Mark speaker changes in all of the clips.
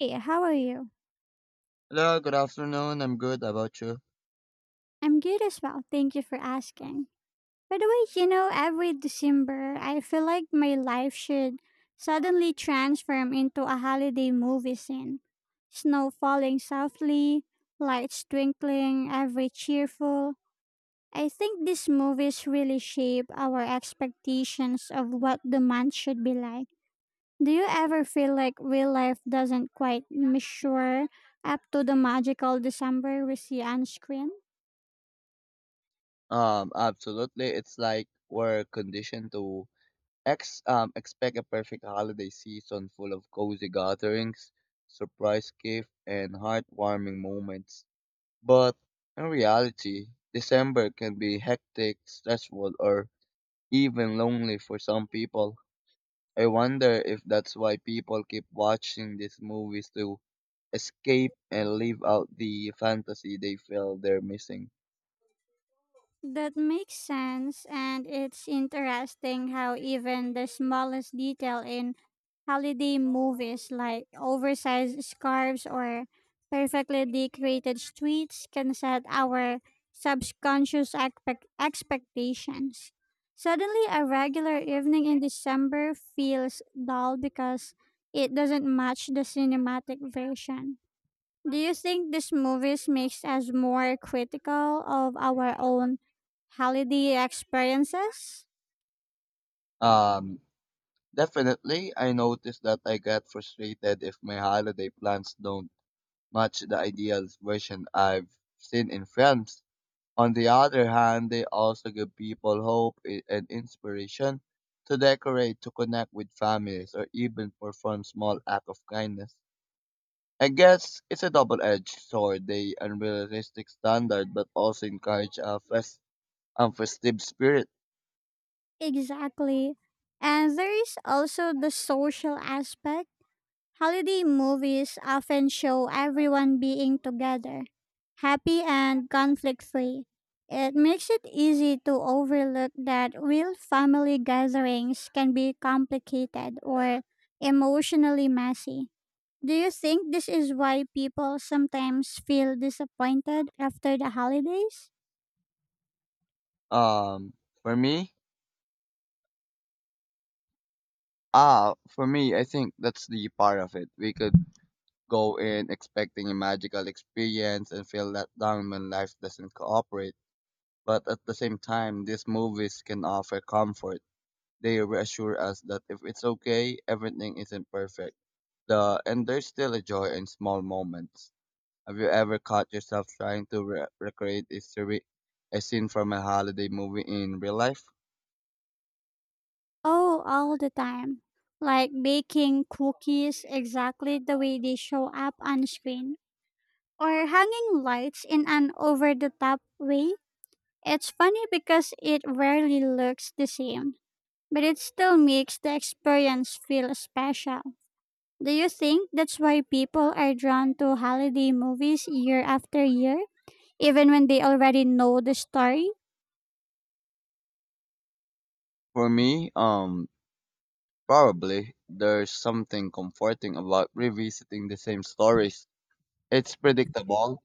Speaker 1: Hey, how are you?
Speaker 2: Hello, good afternoon. I'm good. How about you?
Speaker 1: I'm good as well. Thank you for asking. By the way, every December, I feel like my life should suddenly transform into a holiday movie scene. Snow falling softly, lights twinkling, every cheerful. I think these movies really shape our expectations of what the month should be like. Do you ever feel like real life doesn't quite measure up to the magical December we see on screen?
Speaker 2: Absolutely. It's like we're conditioned to ex expect a perfect holiday season full of cozy gatherings, surprise gift, and heartwarming moments. But in reality, December can be hectic, stressful, or even lonely for some people. I wonder if that's why people keep watching these movies to escape and live out the fantasy they feel they're missing.
Speaker 1: That makes sense, and it's interesting how even the smallest detail in holiday movies, like oversized scarves or perfectly decorated streets, can set our subconscious expectations. Suddenly, a regular evening in December feels dull because it doesn't match the cinematic version. Do you think these movies makes us more critical of our own holiday experiences?
Speaker 2: Um, Definitely, I noticed that I get frustrated if my holiday plans don't match the ideal version I've seen in films. On the other hand, they also give people hope and inspiration to decorate, to connect with families, or even perform small acts of kindness. I guess it's a double-edged sword, the unrealistic standard, but also encourage a festive spirit.
Speaker 1: Exactly. And there is also the social aspect. Holiday movies often show everyone being together, happy and conflict free. It makes it easy to overlook that real family gatherings can be complicated or emotionally messy. Do you think this is why people sometimes feel disappointed after the holidays?
Speaker 2: Um, for me, for me, I think that's the part of it. We could go in expecting a magical experience and feel let down when life doesn't cooperate. But at the same time, these movies can offer comfort. They reassure us that if it's okay, everything isn't perfect. The and there's still a joy in small moments. Have you ever caught yourself trying to recreate a scene from a holiday movie in real life?
Speaker 1: Oh, all the time. Like baking cookies exactly the way they show up on screen, or hanging lights in an over the top way. It's funny because it rarely looks the same, but it still makes the experience feel special. Do you think that's why people are drawn to holiday movies year after year, even when they already know the story?
Speaker 2: For me, um, Probably. There's something comforting about revisiting the same stories. It's predictable,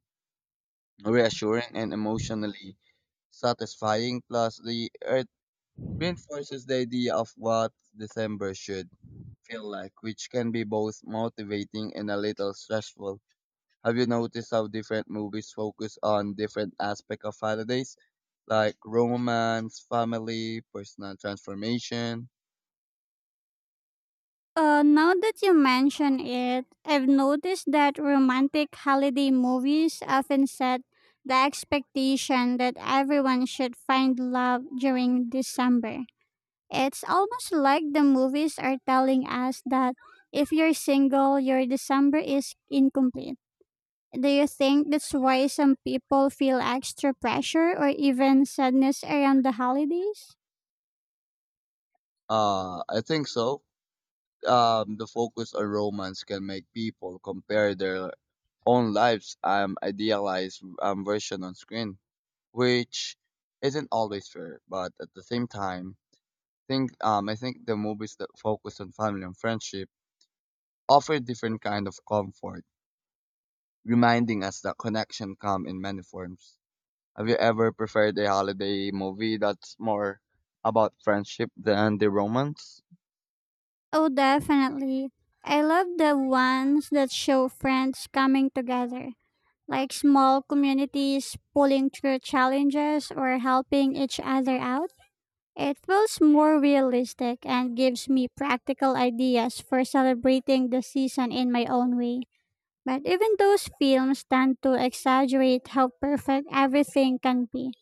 Speaker 2: reassuring, and emotionally satisfying. Plus, the it reinforces the idea of what December should feel like, which can be both motivating and a little stressful. Have you noticed how different movies focus on different aspects of holidays, like romance, family, personal transformation?
Speaker 1: Now that you mention it, I've noticed that romantic holiday movies often set the expectation that everyone should find love during December. It's almost like the movies are telling us that if you're single, your December is incomplete. Do you think that's why some people feel extra pressure or even sadness around the holidays?
Speaker 2: I think so, the focus on romance can make people compare their own lives idealized version on screen, which isn't always fair. But at the same time, think I think the movies that focus on family and friendship offer different kind of comfort, reminding us that connection come in many forms. Have you ever preferred a holiday movie that's more about friendship than the romance?
Speaker 1: Oh, definitely. I love the ones that show friends coming together, like small communities pulling through challenges or helping each other out. It feels more realistic and gives me practical ideas for celebrating the season in my own way. But even those films tend to exaggerate how perfect everything can be.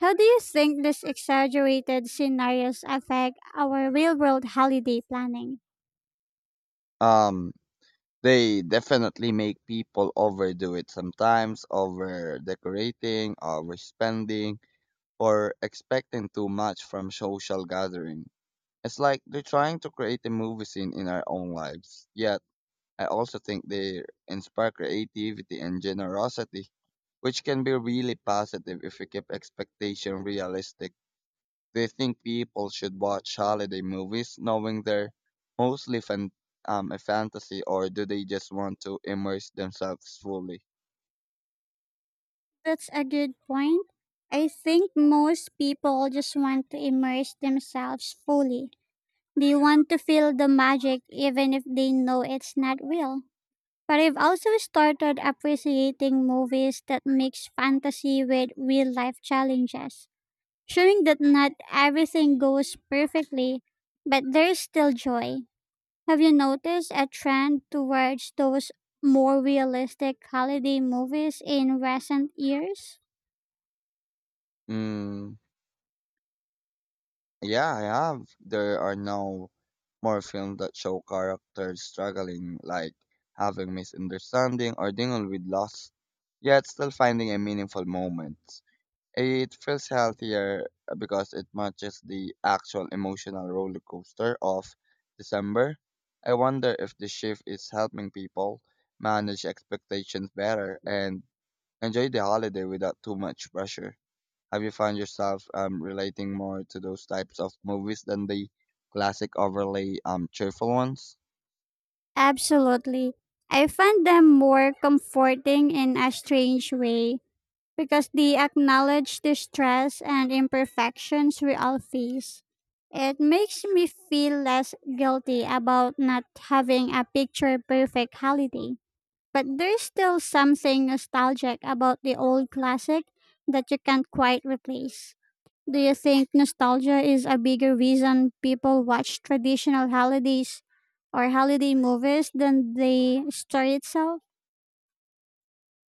Speaker 1: How do you think these exaggerated scenarios affect our real world holiday planning?
Speaker 2: Um They definitely make people overdo it sometimes, over decorating, overspending, or expecting too much from social gathering. It's like they're trying to create a movie scene in our own lives. Yet, I also think they inspire creativity and generosity, which can be really positive if we keep expectation realistic. They think people should watch holiday movies knowing they're mostly a fantasy, or do they just want to immerse themselves fully?
Speaker 1: That's a good point. I think most people just want to immerse themselves fully. They want to feel the magic even if they know it's not real. But I've also started appreciating movies that mix fantasy with real life challenges, showing that not everything goes perfectly, but there's still joy. Have you noticed a trend towards those more realistic holiday movies in recent years?
Speaker 2: Mm, yeah, I have. There are no more films that show characters struggling, like having misunderstanding or dealing with loss, yet still finding a meaningful moment. It feels healthier because it matches the actual emotional roller coaster of December. I wonder if the shift is helping people manage expectations better and enjoy the holiday without too much pressure. Have you found yourself relating more to those types of movies than the classic overly cheerful ones?
Speaker 1: Absolutely. I find them more comforting in a strange way because they acknowledge the stress and imperfections we all face. It makes me feel less guilty about not having a picture perfect holiday. But there's still something nostalgic about the old classic that you can't quite replace. Do you think nostalgia is a bigger reason people watch traditional holidays or holiday movies than the story itself?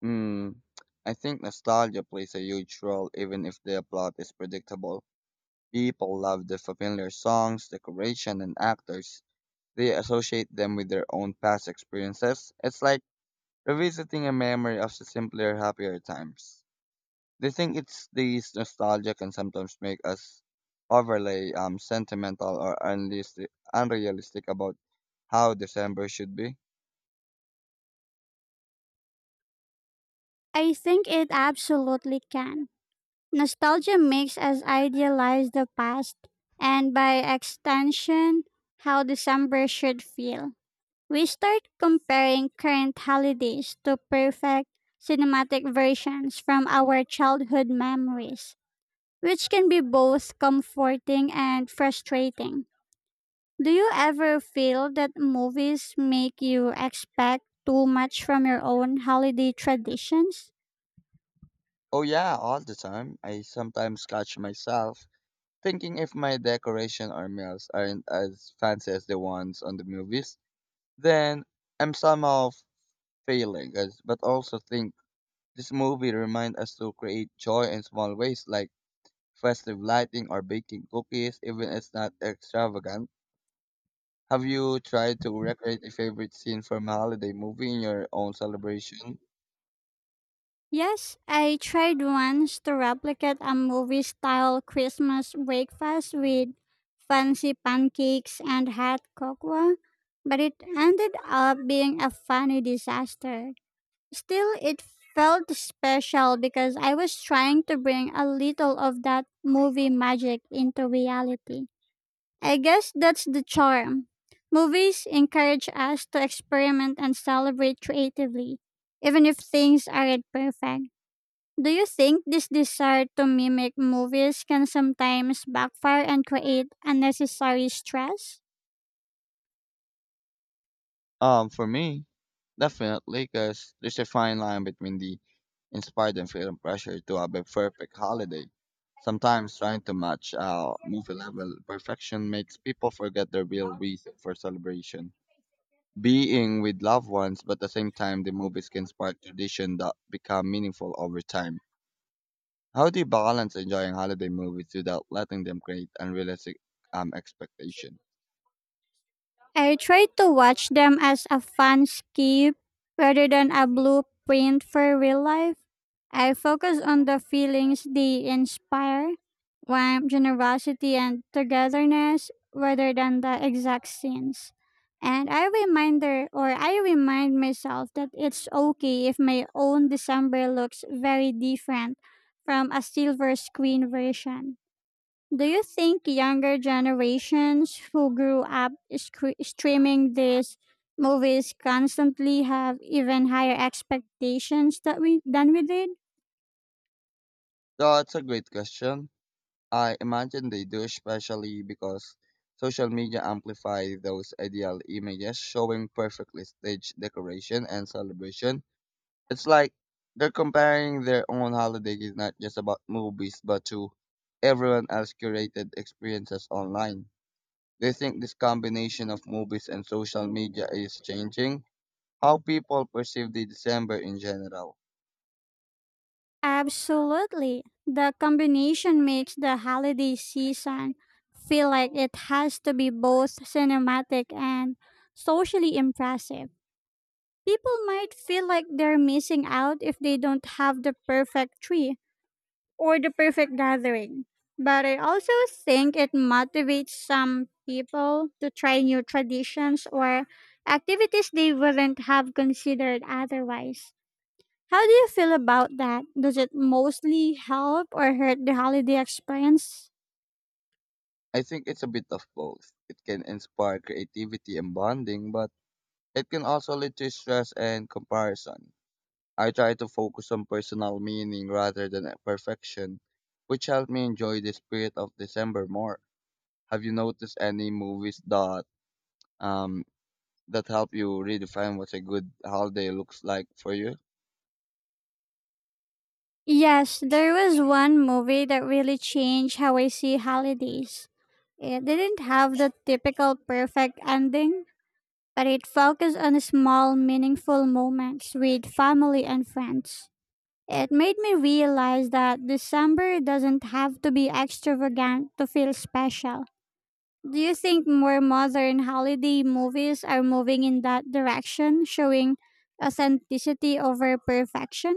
Speaker 2: Mm, I think nostalgia plays a huge role, even if the plot is predictable. People love the familiar songs, decoration, and actors. They associate them with their own past experiences. It's like revisiting a memory of the simpler, happier times. They think it's these nostalgia can sometimes make us overly sentimental or unrealistic about how December should be.
Speaker 1: I think it absolutely can. Nostalgia makes us idealize the past and, by extension, how December should feel. We start comparing current holidays to perfect cinematic versions from our childhood memories, which can be both comforting and frustrating. Do you ever feel that movies make you expect too much from your own holiday traditions?
Speaker 2: Oh yeah, all the time. I sometimes catch myself thinking if my decoration or meals aren't as fancy as the ones on the movies. Then I'm somehow failing, as, but also think this movie reminds us to create joy in small ways, like festive lighting or baking cookies, even if it's not extravagant. Have you tried to recreate a favorite scene from a holiday movie in your own celebration?
Speaker 1: Yes, I tried once to replicate a movie style Christmas breakfast with fancy pancakes and hot cocoa, but it ended up being a funny disaster. Still, it felt special because I was trying to bring a little of that movie magic into reality. I guess that's the charm. Movies encourage us to experiment and celebrate creatively, even if things aren't perfect. Do you think this desire to mimic movies can sometimes backfire and create unnecessary stress?
Speaker 2: Um, for me, Definitely, because there's a fine line between the inspired and feeling pressure to have a perfect holiday. Sometimes trying to match movie level perfection makes people forget the real reason for celebration. Being with loved ones, but at the same time, the movies can spark tradition that become meaningful over time. How do you balance enjoying holiday movies without letting them create unrealistic expectation?
Speaker 1: I try to watch them as a fun skip rather than a blueprint for real life. I focus on the feelings they inspire, warmth, generosity, and togetherness rather than the exact scenes. And I remind myself that it's okay if my own December looks very different from a silver screen version. Do you think younger generations who grew up scre streaming these movies constantly have even higher expectations that we than we did?
Speaker 2: So it's a great question. I imagine they do, especially because social media amplify those ideal images, showing perfectly staged decoration and celebration. It's like they're comparing their own holiday is not just about movies, but to everyone else curated experiences online. Do you think this combination of movies and social media is changing how people perceive the December in general?
Speaker 1: Absolutely. The combination makes the holiday season feel like it has to be both cinematic and socially impressive. People might feel like they're missing out if they don't have the perfect tree or the perfect gathering. But I also think it motivates some people to try new traditions or activities they wouldn't have considered otherwise. How do you feel about that? Does it mostly help or hurt the holiday experience?
Speaker 2: I think it's a bit of both. It can inspire creativity and bonding, but it can also lead to stress and comparison. I try to focus on personal meaning rather than at perfection, which helped me enjoy the spirit of December more. Have you noticed any movies that um that help you redefine what a good holiday looks like for you?
Speaker 1: Yes, there was one movie that really changed how I see holidays. It didn't have the typical perfect ending, but it focused on small, meaningful moments with family and friends. It made me realize that December doesn't have to be extravagant to feel special. Do you think more modern holiday movies are moving in that direction, showing authenticity over perfection?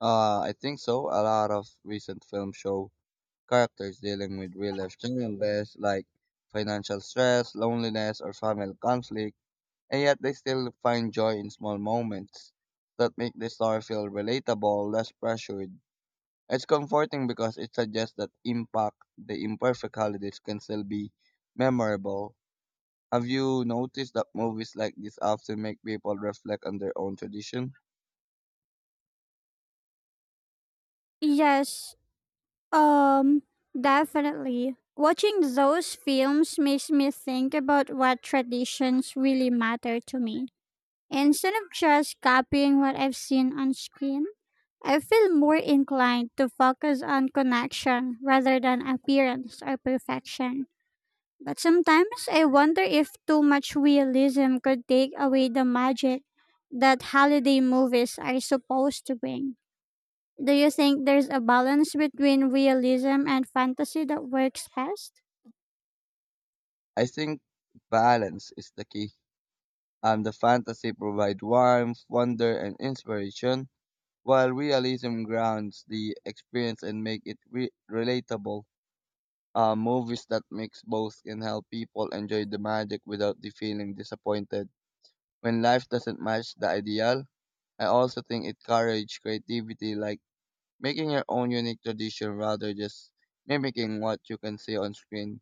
Speaker 2: I think so. A lot of recent films show characters dealing with real life challenges like financial stress, loneliness, or family conflict and yet they still find joy in small moments that make the story feel relatable, less pressured. It's comforting because it suggests that impact the imperfect holidays can still be memorable. Have you noticed that movies like this often make people reflect on their own tradition?
Speaker 1: Yes. Um, Definitely. Watching those films makes me think about what traditions really matter to me. Instead of just copying what I've seen on screen, I feel more inclined to focus on connection rather than appearance or perfection. But sometimes I wonder if too much realism could take away the magic that holiday movies are supposed to bring. Do you think there's a balance between realism and fantasy that works best?
Speaker 2: I think balance is the key. And the fantasy provides warmth, wonder, and inspiration, while realism grounds the experience and make it relatable. Movies that mix both can help people enjoy the magic without the feeling disappointed when life doesn't match the ideal. I also think it encourages creativity, like making your own unique tradition rather just mimicking what you can see on screen.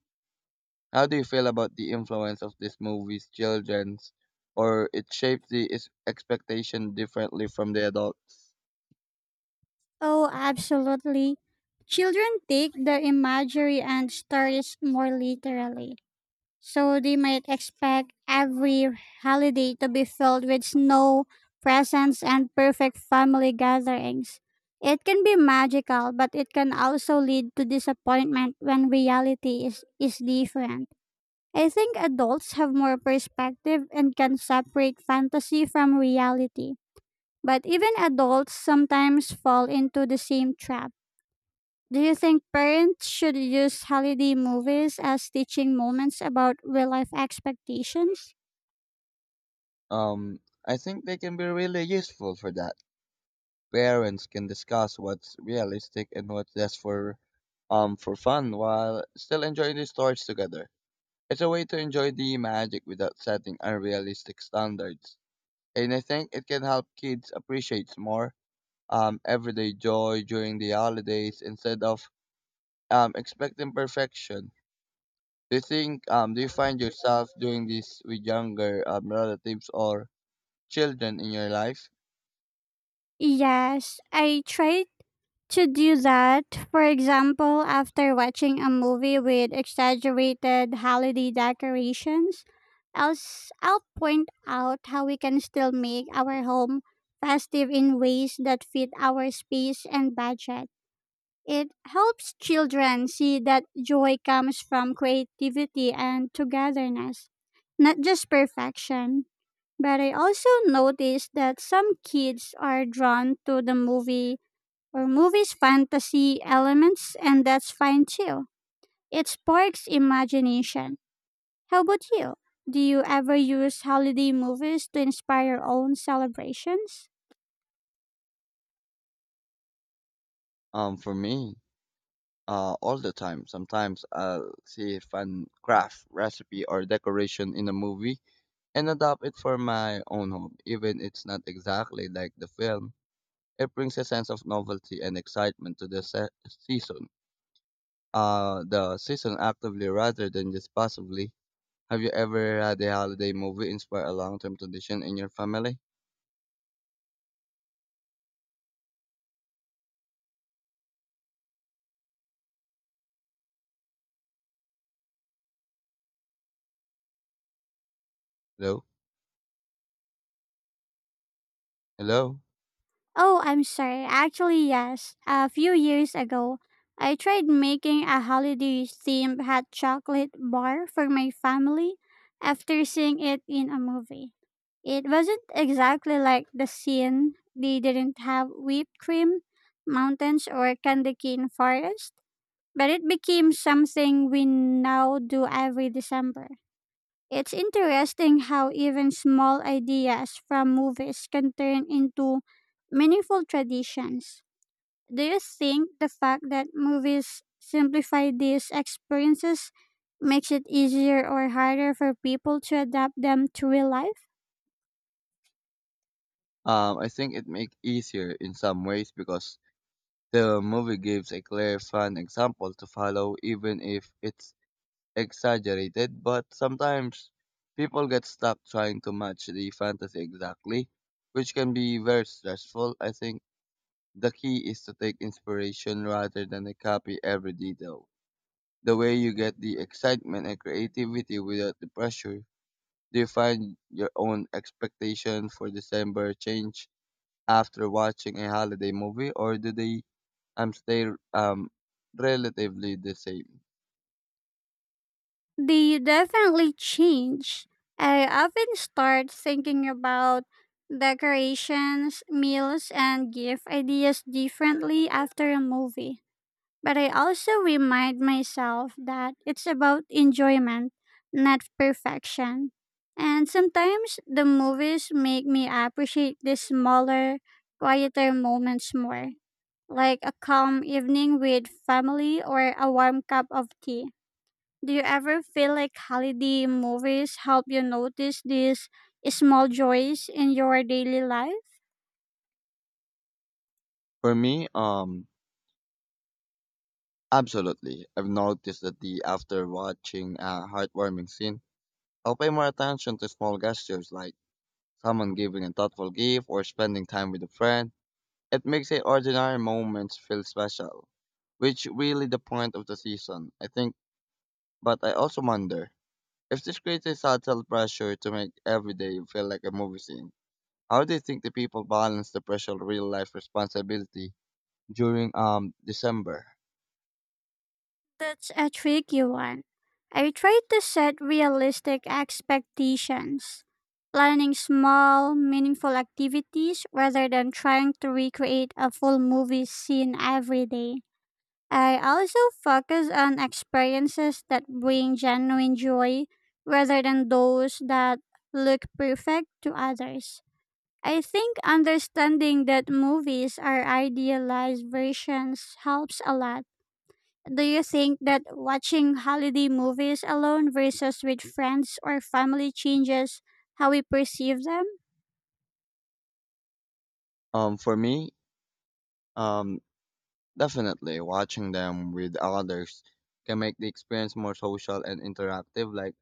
Speaker 2: How do you feel about the influence of these movies, children's, or it shapes the expectation differently from the adults?
Speaker 1: Oh, absolutely. Children take the imagery and stories more literally. So they might expect every holiday to be filled with snow, presents, and perfect family gatherings. It can be magical, but it can also lead to disappointment when reality is different. I think adults have more perspective and can separate fantasy from reality. But even adults sometimes fall into the same trap. Do you think parents should use holiday movies as teaching moments about real life expectations?
Speaker 2: Um, I think they can be really useful for that. Parents can discuss what's realistic and what's just for fun while still enjoying the stories together. It's a way to enjoy the magic without setting unrealistic standards. And I think it can help kids appreciate more everyday joy during the holidays instead of expecting perfection. Do you find yourself doing this with younger relatives or children in your life?
Speaker 1: Yes, I try to do that. For example, after watching a movie with exaggerated holiday decorations, I'll point out how we can still make our home festive in ways that fit our space and budget. It helps children see that joy comes from creativity and togetherness, not just perfection. But I also noticed that some kids are drawn to the movies fantasy elements, and that's fine too. It sparks imagination. How about you? Do you ever use holiday movies to inspire your own celebrations?
Speaker 2: Um, for me, all the time. Sometimes I'll see a fun craft recipe or decoration in a movie and adopt it for my own home. Even it's not exactly like the film, it brings a sense of novelty and excitement to the season. The season actively rather than just passively. Have you ever had a holiday movie inspire a long-term tradition in your family? Hello, hello.
Speaker 1: Oh, I'm sorry. Actually, yes. A few years ago, I tried making a holiday themed hot chocolate bar for my family after seeing it in a movie. It wasn't exactly like the scene. They didn't have whipped cream, mountains, or candy cane forest, but it became something we now do every December. It's interesting how even small ideas from movies can turn into meaningful traditions. Do you think the fact that movies simplify these experiences makes it easier or harder for people to adapt them to real life?
Speaker 2: I think it makes easier in some ways because the movie gives a clear, fun example to follow, even if it's exaggerated, but sometimes people get stuck trying to match the fantasy exactly, which can be very stressful. I think the key is to take inspiration rather than to copy every detail. The way you get the excitement and creativity without the pressure. Do you find your own expectation for December change after watching a holiday movie, or do they stay um relatively the same?
Speaker 1: They definitely change. I often start thinking about decorations, meals, and gift ideas differently after a movie. But I also remind myself that it's about enjoyment, not perfection. And sometimes the movies make me appreciate the smaller, quieter moments more, like a calm evening with family or a warm cup of tea. Do you ever feel like holiday movies help you notice these small joys in your daily life?
Speaker 2: For me, um Absolutely. I've noticed that the after watching a heartwarming scene, I'll pay more attention to small gestures like someone giving a thoughtful gift or spending time with a friend. It makes the ordinary moments feel special, which really the point of the season, I think. But I also wonder if this creates a subtle pressure to make every day feel like a movie scene. How do you think the people balance the pressure of real life responsibility during December?
Speaker 1: That's a tricky one. I try to set realistic expectations, planning small, meaningful activities rather than trying to recreate a full movie scene every day. I also focus on experiences that bring genuine joy rather than those that look perfect to others. I think understanding that movies are idealized versions helps a lot. Do you think that watching holiday movies alone versus with friends or family changes how we perceive them?
Speaker 2: Um, for me, um, Definitely, watching them with others can make the experience more social and interactive. Like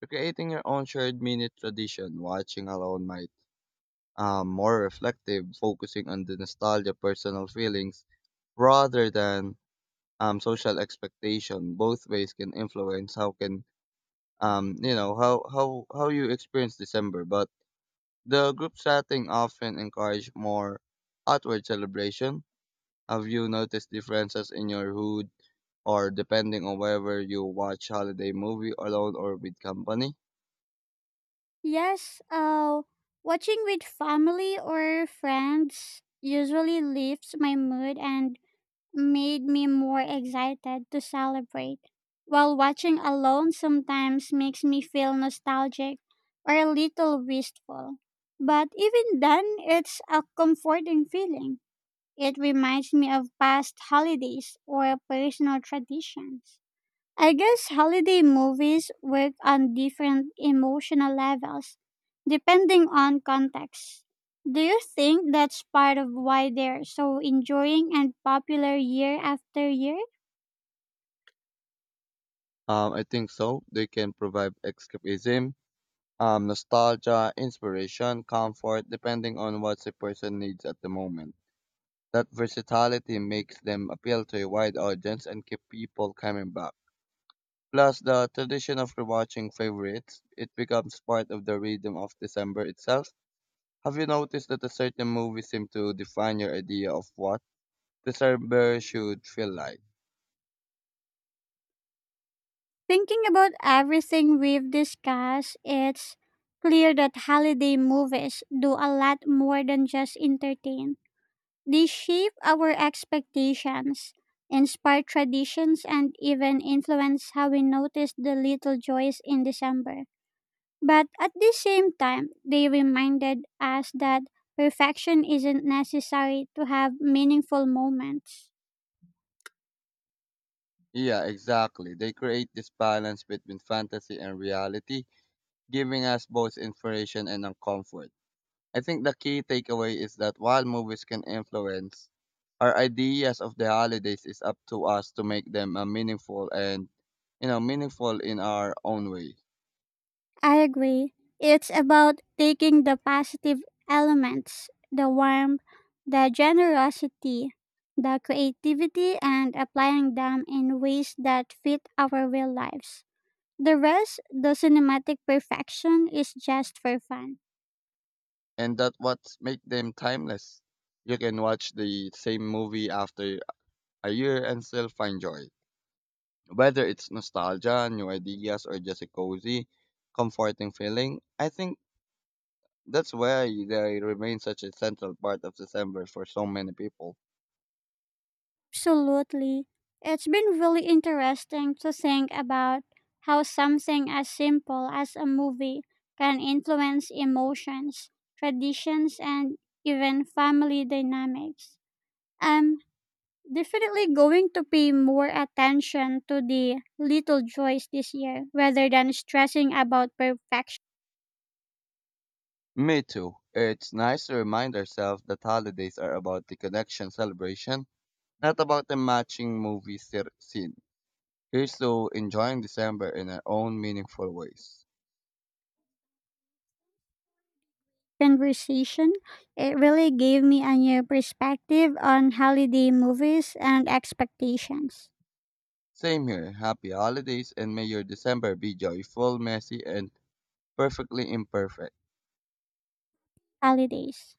Speaker 2: you're creating your own shared mini tradition. Watching alone might more reflective, focusing on the nostalgia, personal feelings rather than social expectation. Both ways can influence how can you know how you experience December. But the group setting often encourage more outward celebration. Have you noticed differences in your hood or depending on whether you watch holiday movie alone or with company?
Speaker 1: Yes. Watching with family or friends usually lifts my mood and made me more excited to celebrate, while watching alone sometimes makes me feel nostalgic or a little wistful. But even then, it's a comforting feeling. It reminds me of past holidays or personal traditions. I guess holiday movies work on different emotional levels depending on context. Do you think that's part of why they're so enjoying and popular year after year?
Speaker 2: I think so. They can provide escapism, nostalgia, inspiration, comfort, depending on what the person needs at the moment. That versatility makes them appeal to a wide audience and keep people coming back. Plus, the tradition of rewatching favorites, it becomes part of the rhythm of December itself. Have you noticed that a certain movie seems to define your idea of what the December should feel like?
Speaker 1: Thinking about everything we've discussed, it's clear that holiday movies do a lot more than just entertain. They shape our expectations, inspire traditions, and even influence how we notice the little joys in December. But at the same time, they reminded us that perfection isn't necessary to have meaningful moments.
Speaker 2: Yeah, exactly. They create this balance between fantasy and reality, giving us both inspiration and comfort. I think the key takeaway is that while movies can influence our ideas of the holidays, it's up to us to make them meaningful and meaningful in our own way,
Speaker 1: I agree. It's about taking the positive elements, the warmth, the generosity, the creativity, and applying them in ways that fit our real lives. The rest, the cinematic perfection, is just for fun.
Speaker 2: and that what make them timeless. You can watch the same movie after a year and still find joy. Whether it's nostalgia, new ideas, or just a cozy, comforting feeling, I think that's why they remain such a central part of December for so many people.
Speaker 1: Absolutely. It's been really interesting to think about how something as simple as a movie can influence emotions, traditions, and even family dynamics. I'm definitely going to pay more attention to the little joys this year rather than stressing about perfection.
Speaker 2: Me too. It's nice to remind ourselves that holidays are about the connection celebration, not about the matching movie scene. Here's to enjoying December in our own meaningful ways.
Speaker 1: Conversation. It really gave me a new perspective on holiday movies and expectations.
Speaker 2: Same here. Happy holidays and may your December be joyful, messy, and perfectly imperfect.
Speaker 1: Holidays.